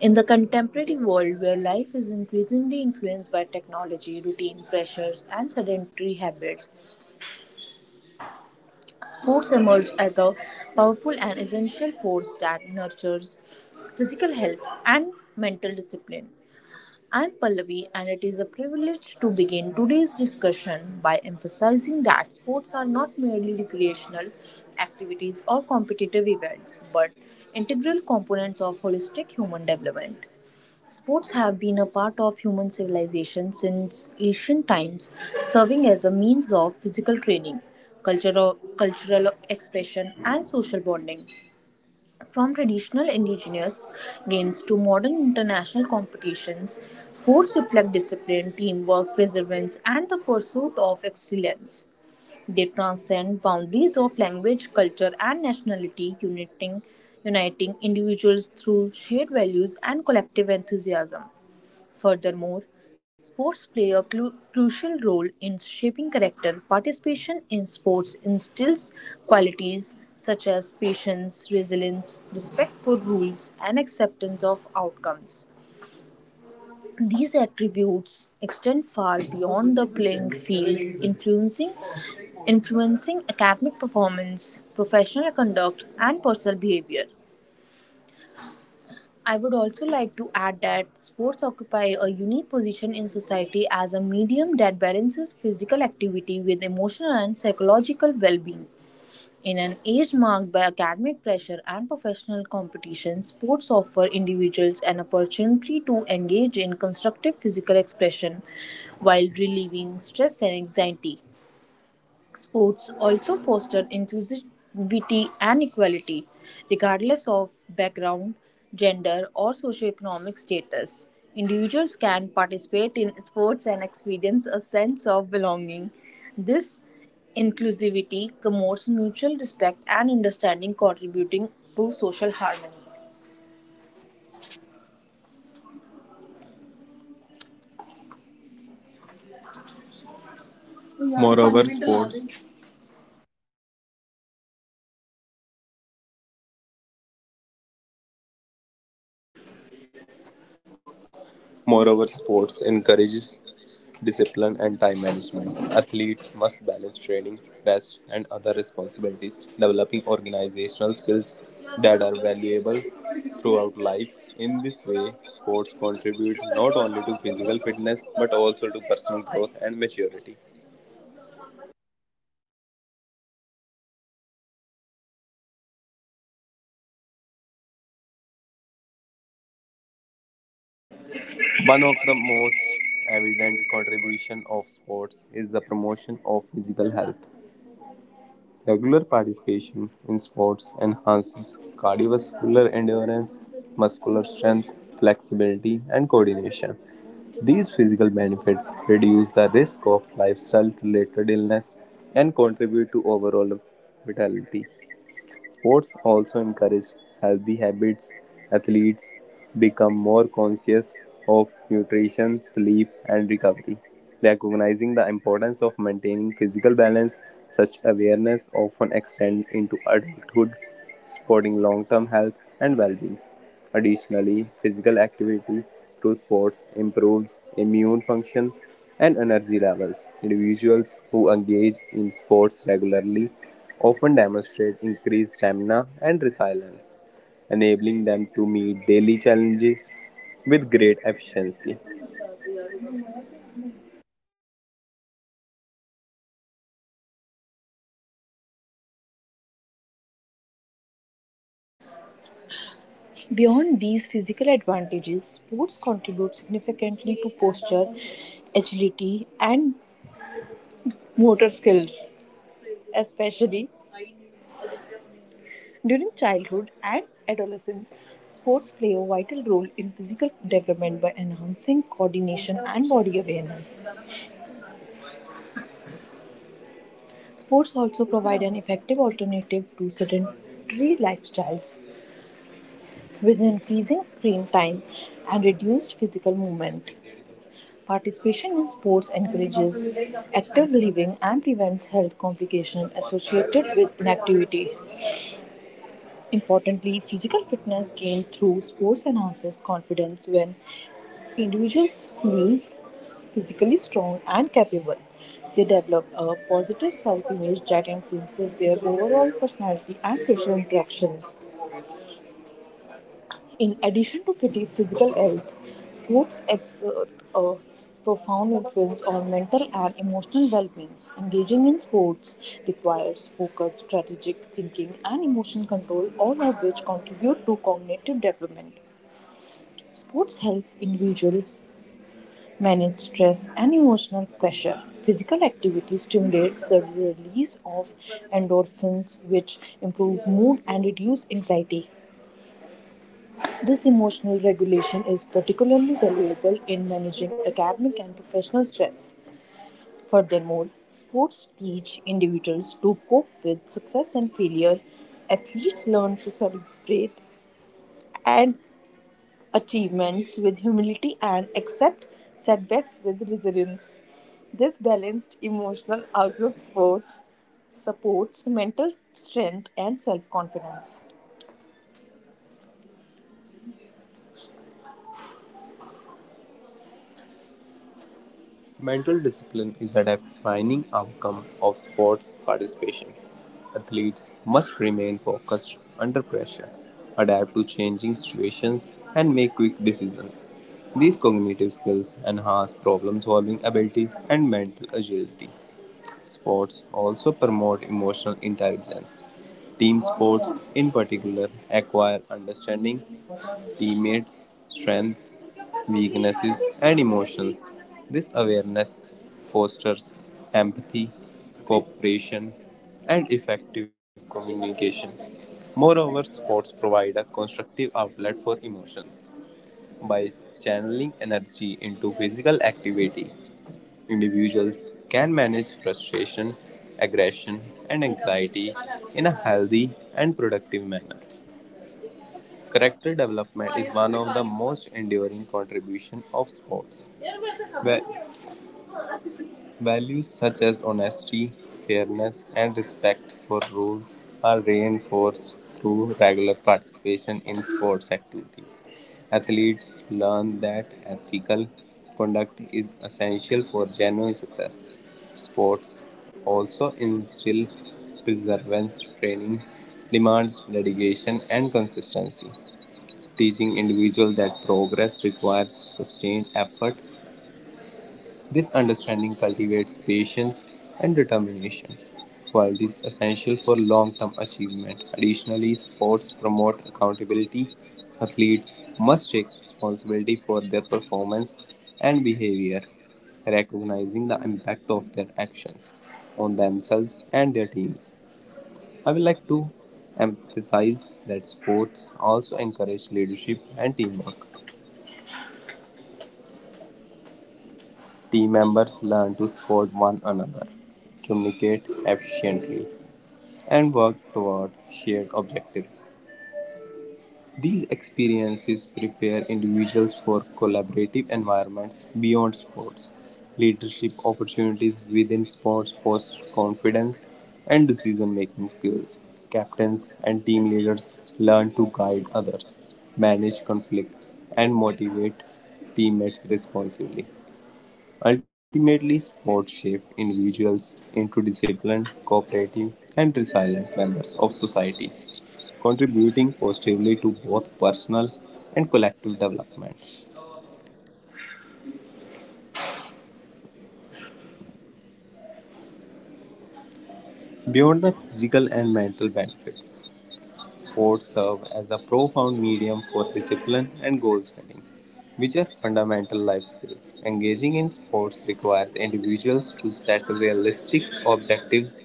In the contemporary world where life is increasingly influenced by technology, routine pressures, and sedentary habits, sports emerge as a powerful and essential force that nurtures physical health and mental discipline. I'm Pallavi, and it is a privilege to begin today's discussion by emphasizing that sports are not merely recreational activities or competitive events, but integral components of holistic human development. Sports have been a part of human civilization since ancient times, serving as a means of physical training, cultural expression, and social bonding. From traditional indigenous games to modern international competitions, sports reflect discipline, teamwork, perseverance, and the pursuit of excellence. They transcend boundaries of language, culture, and nationality, uniting individuals through shared values and collective enthusiasm. Furthermore, sports play a crucial role in shaping character. Participation in sports instills qualities such as patience, resilience, respect for rules, and acceptance of outcomes. These attributes extend far beyond the playing field, influencing academic performance, professional conduct, and personal behavior. I would also like to add that sports occupy a unique position in society as a medium that balances physical activity with emotional and psychological well being. In an age marked by academic pressure and professional competition, sports offer individuals an opportunity to engage in constructive physical expression while relieving stress and anxiety. Sports also foster inclusivity and equality, regardless of background, gender, or socioeconomic status. Individuals can participate in sports and experience a sense of belonging. This inclusivity promotes mutual respect and understanding, contributing to social harmony. Moreover, sports Moreover, sports encourages discipline and time management. Athletes must balance training, rest, and other responsibilities, developing organizational skills that are valuable throughout life. In this way, sports contribute not only to physical fitness but also to personal growth and maturity. One of the most evident contribution of sports is the promotion of physical health. Regular participation in sports enhances cardiovascular endurance, muscular strength, flexibility, and coordination. These physical benefits reduce the risk of lifestyle related illness and contribute to overall vitality. Sports also encourage healthy habits. Athletes become more conscious of nutrition, sleep, and recovery. Recognizing the importance of maintaining physical balance, such awareness often extends into adulthood, supporting long term health and well being. Additionally, physical activity through sports improves immune function and energy levels. Individuals who engage in sports regularly often demonstrate increased stamina and resilience, enabling them to meet daily challenges with great efficiency. Beyond these physical advantages, sports contribute significantly to posture, agility, and motor skills, especially during childhood and adolescence, sports play a vital role in physical development by enhancing coordination and body awareness. Sports also provide an effective alternative to sedentary lifestyles with increasing screen time and reduced physical movement. Participation in sports encourages active living and prevents health complications associated with inactivity. Importantly, physical fitness gained through sports enhances confidence when individuals feel physically strong and capable. They develop a positive self image that influences their overall personality and social interactions. In addition to physical health, sports exert a profound influence on mental and emotional well being. Engaging in sports requires focus, strategic thinking, and emotional control, all of which contribute to cognitive development. Sports help individuals manage stress and emotional pressure. Physical activity stimulates the release of endorphins, which improve mood and reduce anxiety. This emotional regulation is particularly valuable in managing academic and professional stress. Furthermore, sports teach individuals to cope with success and failure. Athletes learn to celebrate and achievements with humility and accept setbacks with resilience. This balanced emotional outlook supports mental strength and self-confidence. Mental discipline is a defining outcome of sports participation. Athletes must remain focused under pressure, adapt to changing situations, and make quick decisions. These cognitive skills enhance problem solving abilities and mental agility. Sports also promote emotional intelligence. Team sports, in particular, acquire understanding teammates, strengths, weaknesses, and emotions. This awareness fosters empathy, cooperation, and effective communication. Moreover, sports provide a constructive outlet for emotions. By channeling energy into physical activity, individuals can manage frustration, aggression, and anxiety in a healthy and productive manner. Character development is one of the most enduring contributions of sports. Va- values such as honesty, fairness, and respect for rules are reinforced through regular participation in sports activities. Athletes learn that ethical conduct is essential for genuine success. Sports also instill perseverance training demands dedication and consistency teaching individuals that progress requires sustained effort. This understanding cultivates patience and determination, while this is essential for long-term achievement. Additionally, sports promote accountability. Athletes must take responsibility for their performance and behavior, recognizing the impact of their actions on themselves and their teams. I would like to emphasize that sports also encourage leadership and teamwork. Team members learn to support one another, communicate efficiently, and work toward shared objectives. These experiences prepare individuals for collaborative environments beyond sports. Leadership opportunities within sports foster confidence and decision making skills. Captains and team leaders learn to guide others, manage conflicts, and motivate teammates responsibly. Ultimately, sports shape individuals into disciplined, cooperative, and resilient members of society, contributing positively to both personal and collective development. Beyond the physical and mental benefits, sports serve as a profound medium for discipline and goal setting, which are fundamental life skills. Engaging in sports requires individuals to set realistic objectives,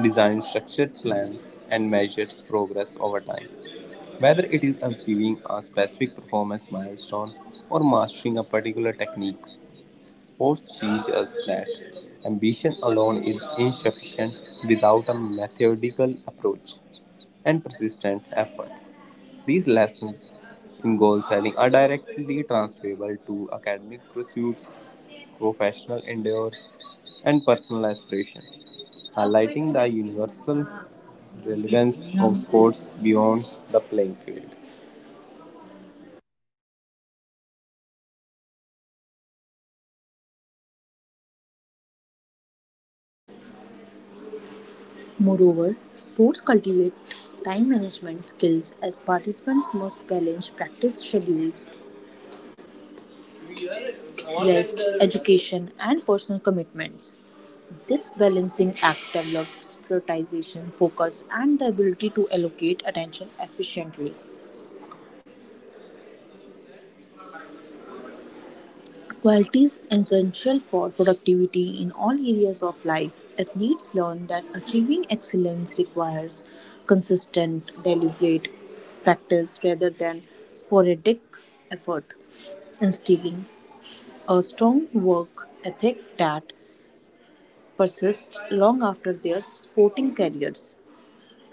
design structured plans, and measure progress over time. Whether it is achieving a specific performance milestone or mastering a particular technique, sports teach us that ambition alone is insufficient without a methodical approach and persistent effort. These lessons in goal setting are directly transferable to academic pursuits, professional endeavors, and personal aspiration, highlighting the universal relevance of sports beyond the playing field. Moreover, sports cultivate time management skills as participants must balance practice schedules, rest, education, and personal commitments. This balancing act develops prioritization, focus, and the ability to allocate attention efficiently. Quality is essential for productivity in all areas of life. Athletes learn that achieving excellence requires consistent, deliberate practice rather than sporadic effort, instilling a strong work ethic that persists long after their sporting careers.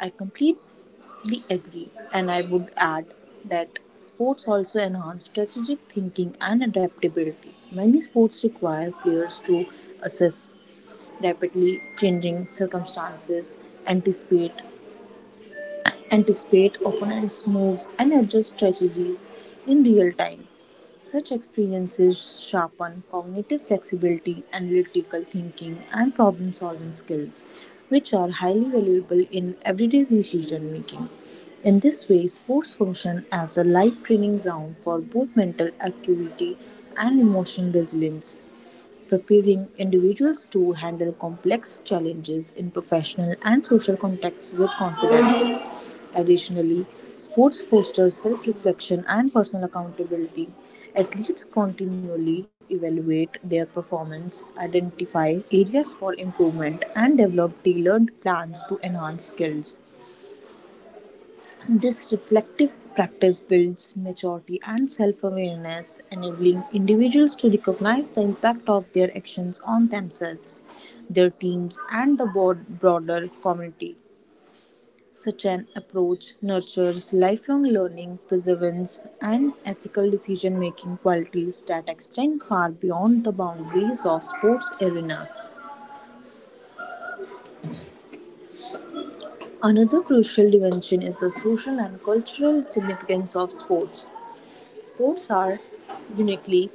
I completely agree, and I would add that sports also enhance strategic thinking and adaptability. Many sports require players to assess rapidly changing circumstances, anticipate anticipate opponents' moves, and adjust strategies in real time. Such experiences sharpen cognitive flexibility, analytical thinking, and problem solving skills, which are highly valuable in everyday decision making. In this way, sports function as a life training ground for both mental acuity and emotional resilience preparing individuals to handle complex challenges in professional and social contexts with confidence. Additionally, sports fosters self reflection and personal accountability. Athletes continually evaluate their performance, identify areas for improvement, and develop tailored plans to enhance skills. This reflective practice builds maturity and self awareness, enabling individuals to recognize the impact of their actions on themselves, their teams, and the broader community. Such an approach nurtures lifelong learning, perseverance, and ethical decision making qualities that extend far beyond the boundaries of sports arenas. Another crucial dimension is the social and cultural significance of sports. Sports are uniquely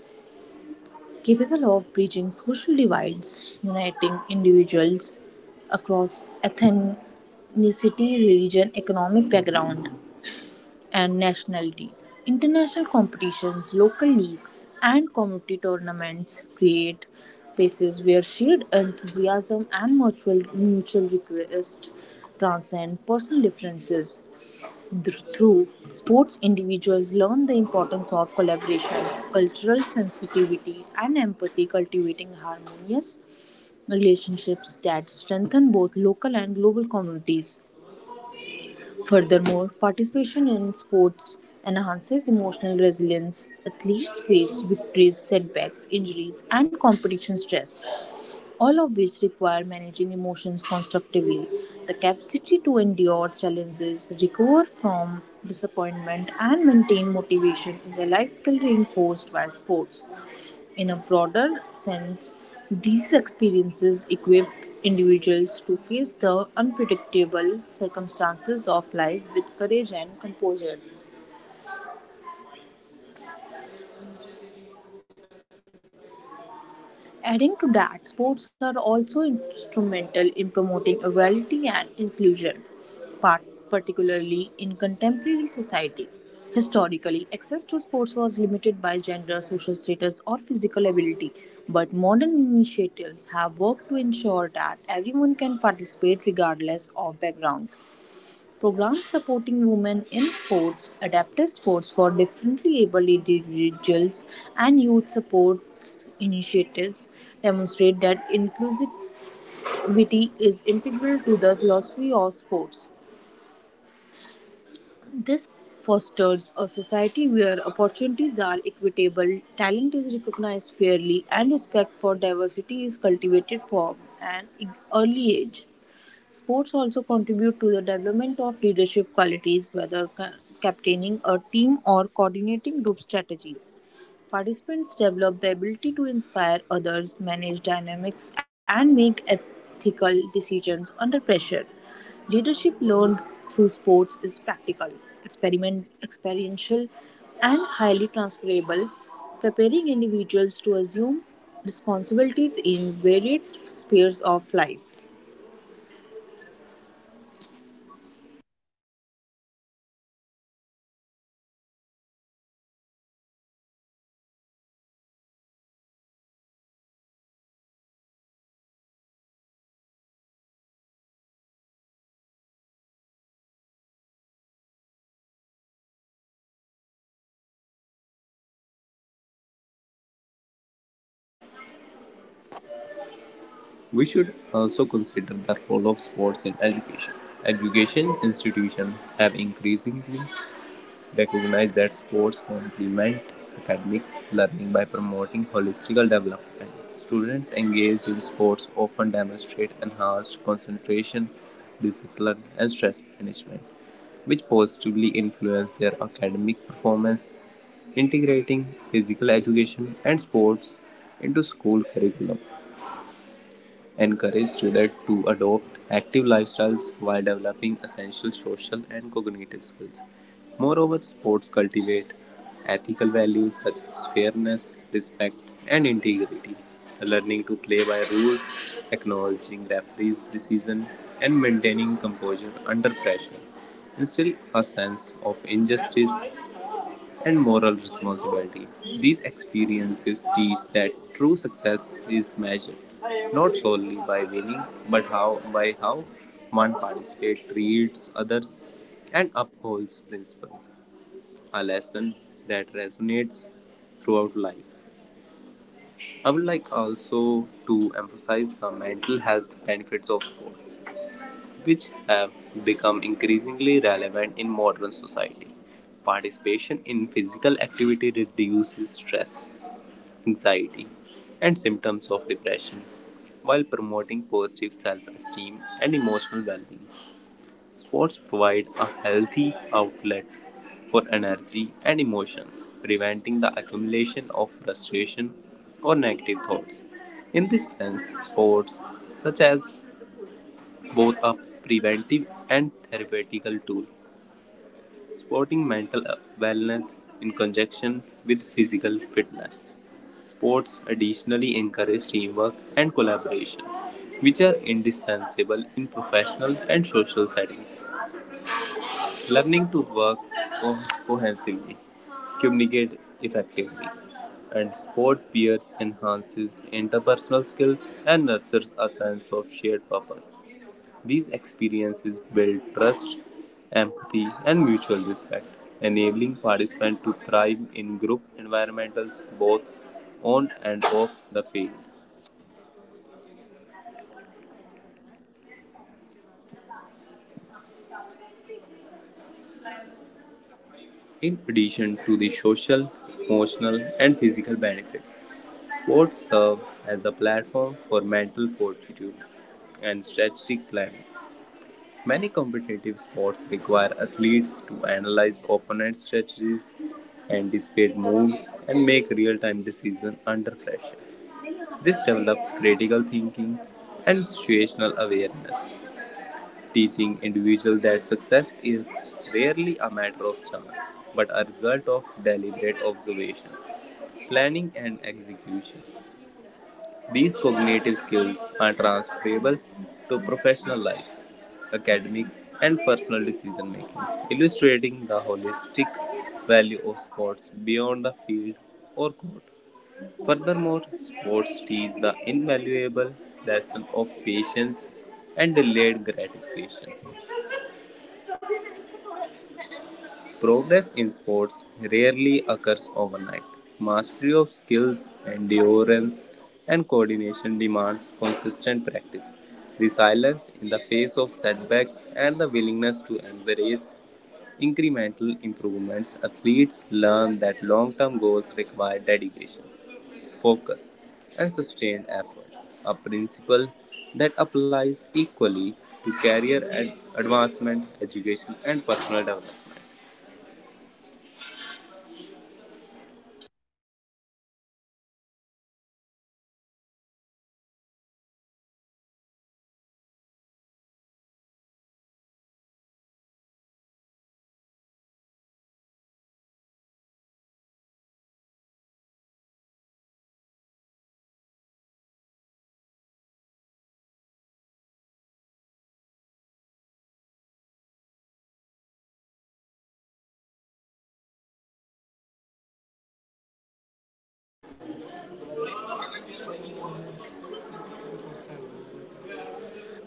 capable of bridging social divides, uniting individuals across ethnicity, religion, economic background and nationality. International competitions, local leagues, and community tournaments create spaces where shared enthusiasm and mutual request transcend personal differences. Through sports, individuals learn the importance of collaboration, cultural sensitivity, and empathy, cultivating harmonious relationships that strengthen both local and global communities. Furthermore, participation in sports enhances emotional resilience. Athletes face victories, setbacks, injuries, and competition stress all of which require managing emotions constructively. The capacity to endure challenges, recover from disappointment, and maintain motivation is a life skill reinforced by sports. In a broader sense, these experiences equip individuals to face the unpredictable circumstances of life with courage and composure. Adding to that, sports are also instrumental in promoting equality and inclusion, par- particularly in contemporary society. Historically, access to sports was limited by gender, social status, or physical ability, but modern initiatives have worked to ensure that everyone can participate regardless of background. Programs supporting women in sports, adaptive sports for differently abled individuals, and youth sports initiatives demonstrate that inclusivity is integral to the philosophy of sports. This fosters a society where opportunities are equitable, talent is recognized fairly, and respect for diversity is cultivated from an early age. Sports also contribute to the development of leadership qualities, whether captaining a team or coordinating group strategies. Participants develop the ability to inspire others, manage dynamics, and make ethical decisions under pressure. Leadership learned through sports is practical, experiential, and highly transferable, preparing individuals to assume responsibilities in varied spheres of life. We should also consider the role of sports in education. Education institutions have increasingly recognize that sports complement academics learning by promoting holistic development. Students engaged in sports often demonstrate enhanced concentration, discipline, and stress management, which positively influence their academic performance. Integrating physical education and sports into school curriculum encourage students to adopt active lifestyles while developing essential social and cognitive skills. Moreover, sports cultivate ethical values such as fairness, respect, and integrity. Learning to play by rules, acknowledging referees' decision, and maintaining composure under pressure instill a sense of injustice and moral responsibility. These experiences teach that true success is measured not solely by winning but how by how one participates, treats others, and upholds principles. A lesson that resonates throughout life. I would like also to emphasize the mental health benefits of sports which have become increasingly relevant in modern society. Participation in physical activity reduces stress, anxiety, and symptoms of depression while promoting positive self esteem and emotional well being. Sports provide a healthy outlet for energy and emotions, preventing the accumulation of frustration or negative thoughts. In this sense, sports such as both a preventive and therapeutic tool, supporting mental wellness in conjunction with physical fitness. Sports additionally encourage teamwork and collaboration, which are indispensable in professional and social settings. Learning to work co- cohesively, communicate effectively, and support peers enhances interpersonal skills and nurtures a sense of shared purpose. These experiences build trust, empathy, and mutual respect, enabling participants to thrive in group environments both on and off the field. In addition to the social, emotional, and physical benefits, sports serve as a platform for mental fortitude and strategic planning. Many competitive sports require athletes to analyze opponents' strategies, anticipate moves, and make real time decisions under pressure. This develops critical thinking and situational awareness, teaching individuals that success is rarely a matter of chance but a result of deliberate observation, planning, and execution. These cognitive skills are transferable to professional life, academics, and personal decision making, illustrating the holistic value of sports beyond the field or court. Furthermore, sports teach the invaluable lesson of patience and delayed gratification. Progress in sports rarely occurs overnight; mastery of skills, endurance, and coordination demands consistent practice, resilience in the face of setbacks, and the willingness to embrace incremental improvements. Athletes learn that long term goals require dedication, focus, and sustained effort, a principle that applies equally to career advancement, education, and personal development.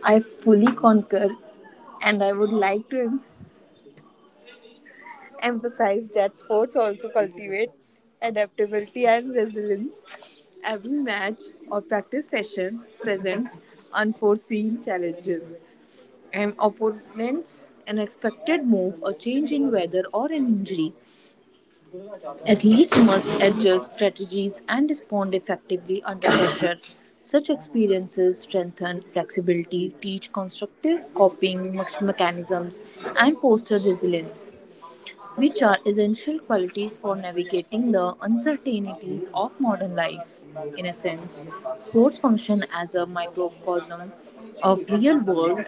I fully concur, and I would like to emphasize that sports also cultivate adaptability and resilience. Every match or practice session presents unforeseen challenges. An opponent's unexpected move, a change in weather, or an injury. Athletes must adjust strategies and respond effectively under pressure. Such experiences strengthen flexibility, teach constructive coping mechanisms, and foster resilience, which are essential qualities for navigating the uncertainties of modern life. In a sense, sports function as a microcosm of real world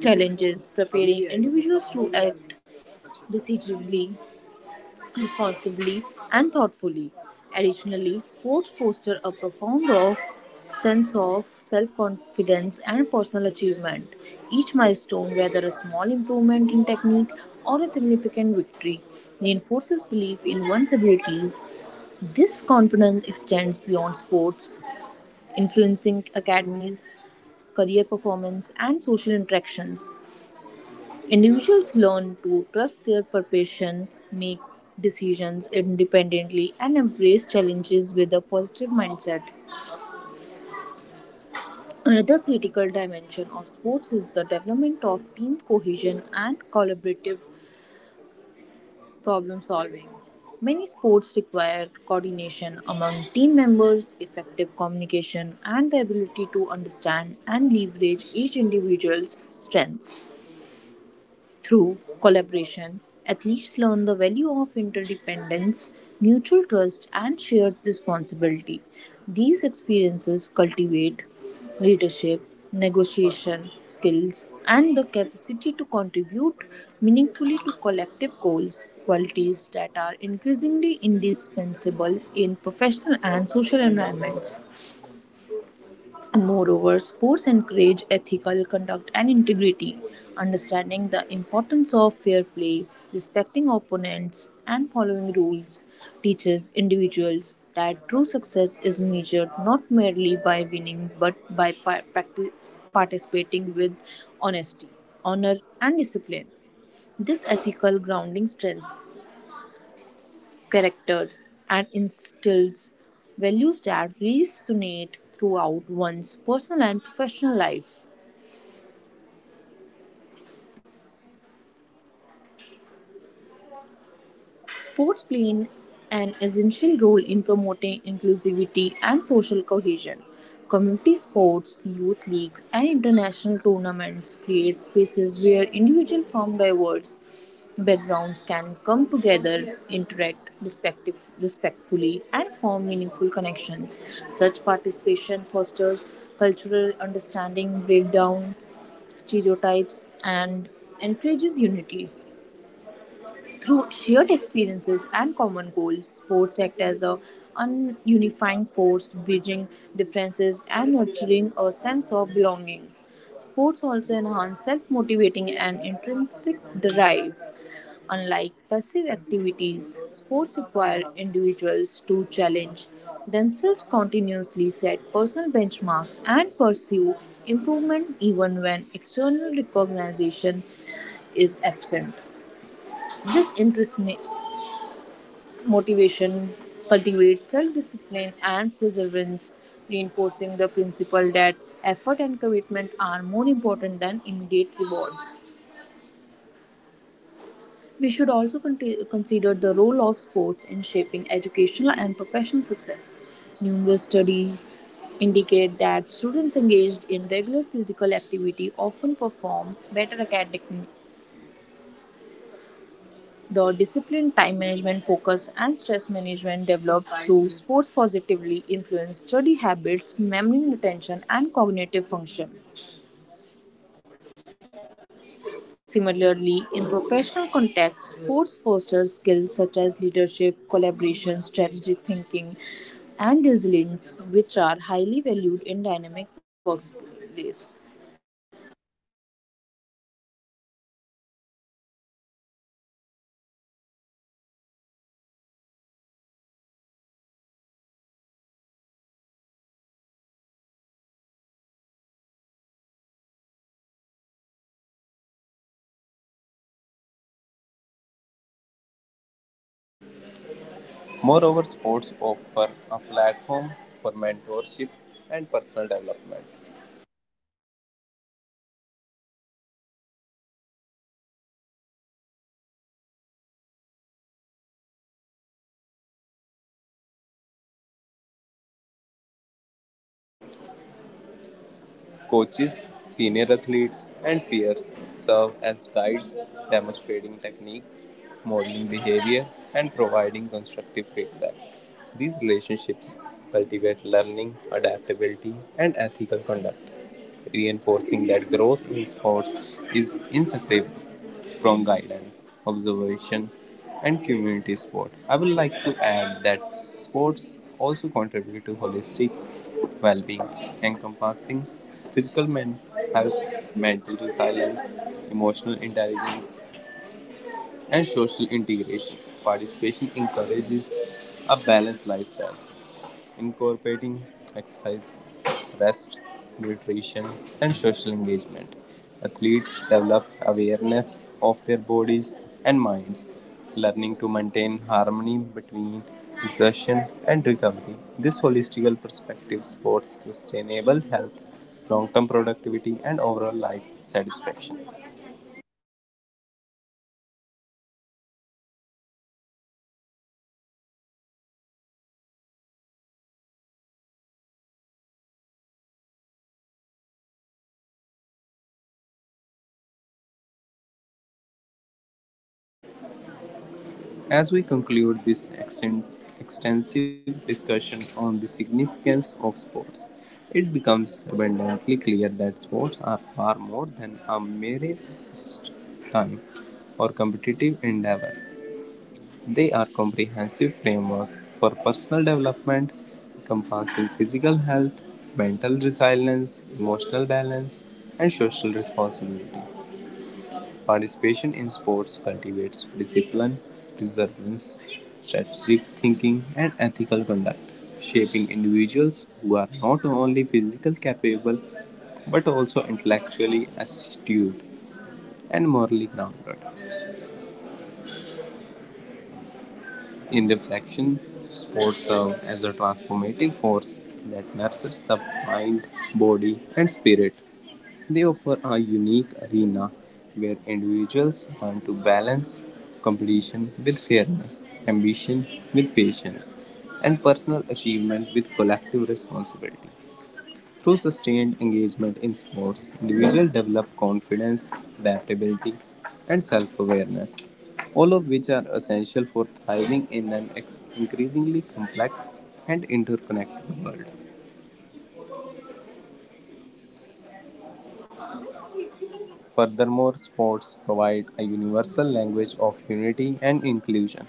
challenges, preparing individuals to act decisively, responsibly, and thoughtfully. Additionally, sports foster a profound of sense of self-confidence and personal achievement. Each milestone, whether a small improvement in technique or a significant victory, reinforces belief in one's abilities. This confidence extends beyond sports, influencing academies, career performance, and social interactions. Individuals learn to trust their perception, make decisions independently, and embrace challenges with a positive mindset. Another critical dimension of sports is the development of team cohesion and collaborative problem solving. Many sports require coordination among team members, effective communication, and the ability to understand and leverage each individual's strengths. Through collaboration, athletes learn the value of interdependence, mutual trust, and shared responsibility. These experiences cultivate leadership, negotiation skills, and the capacity to contribute meaningfully to collective goals, qualities that are increasingly indispensable in professional and social environments. Moreover, sports encourage ethical conduct and integrity, understanding the importance of fair play, respecting opponents, and following rules teaches individuals that true success is measured not merely by winning but by participating with honesty, honor, and discipline. This ethical grounding strengthens character and instills values that resonate throughout one's personal and professional life. Sports play an essential role in promoting inclusivity and social cohesion. Community sports, youth leagues, and international tournaments create spaces where individuals from diverse backgrounds can come together, respectfully, and form meaningful connections. Such participation fosters cultural understanding, breaks down stereotypes and encourages unity. Through shared experiences and common goals, sports act as a unifying force, bridging differences and nurturing a sense of belonging. Sports also enhance self-motivating and intrinsic drive. Unlike passive activities, sports require individuals to challenge themselves continuously, set personal benchmarks, and pursue improvement even when external recognition is absent. This intrinsic motivation cultivates self-discipline and perseverance, reinforcing the principle that effort and commitment are more important than immediate rewards. We should also consider the role of sports in shaping educational and professional success. Numerous studies indicate that students engaged in regular physical activity often perform better academic. The discipline, time management, focus, and stress management developed through sports positively influence study habits, memory, retention, and cognitive function. Similarly, in professional contexts, sports foster skills such as leadership, collaboration, strategic thinking, and resilience, which are highly valued in dynamic workplace. Moreover, sports offer a platform for mentorship and personal development. Coaches, senior athletes, and peers serve as guides, demonstrating techniques, modeling behavior, and providing constructive feedback. These relationships cultivate learning, adaptability, and ethical conduct, reinforcing that growth in sports is inseparable from guidance, observation, and community sport. I would like to add that sports also contribute to holistic well being, encompassing physical health, mental resilience, emotional intelligence, and social integration. Participation encourages a balanced lifestyle incorporating exercise, rest, nutrition, and social engagement. Athletes develop awareness of their bodies and minds, learning to maintain harmony between exertion and recovery. This holistical perspective supports sustainable health, long term productivity, and overall life satisfaction. As we conclude this extensive discussion on the significance of sports, it becomes abundantly clear that sports are far more than a mere time or competitive endeavor. They are comprehensive framework for personal development encompassing physical health, mental resilience, emotional balance, and social responsibility. Participation in sports cultivates discipline, perseverance, strategic thinking, and ethical conduct, shaping individuals who are not only physically capable but also intellectually astute and morally grounded. In reflection, sports serve as a transformative force that nurtures the mind, body, and spirit. They offer a unique arena where individuals learn to balance competition with fairness, ambition with patience, and personal achievement with collective responsibility. Through sustained engagement in sports, individuals develop confidence, adaptability, and self awareness, all of which are essential for thriving in an increasingly complex and interconnected world. Furthermore, sports provide a universal language of unity and inclusion.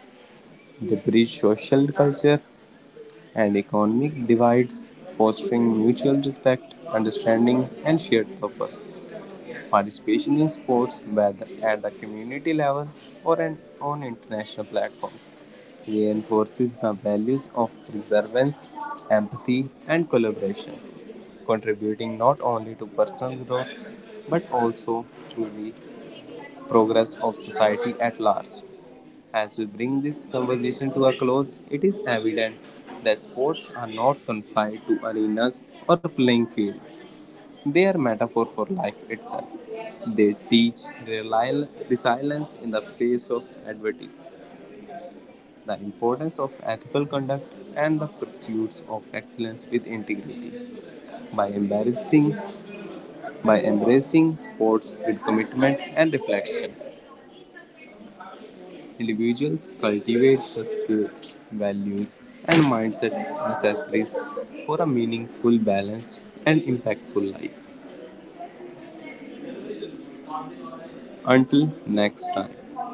They bridge social, culture, and economic divides, fostering mutual respect, understanding, and shared purpose. Participation in sports, whether at the community level or on international platforms, reinforces the values of perseverance, empathy, and collaboration, contributing not only to personal growth but also to the progress of society at large. As we bring this conversation to a close, it is evident that sports are not confined to arenas or playing fields. They are metaphor for life itself. They teach resilience in the face of adversity, the importance of ethical conduct, and the pursuits of excellence with integrity. By embracing, by embracing sports with commitment and reflection, individuals cultivate the skills, values, and mindset necessary for a meaningful, balanced, and impactful life. Until next time.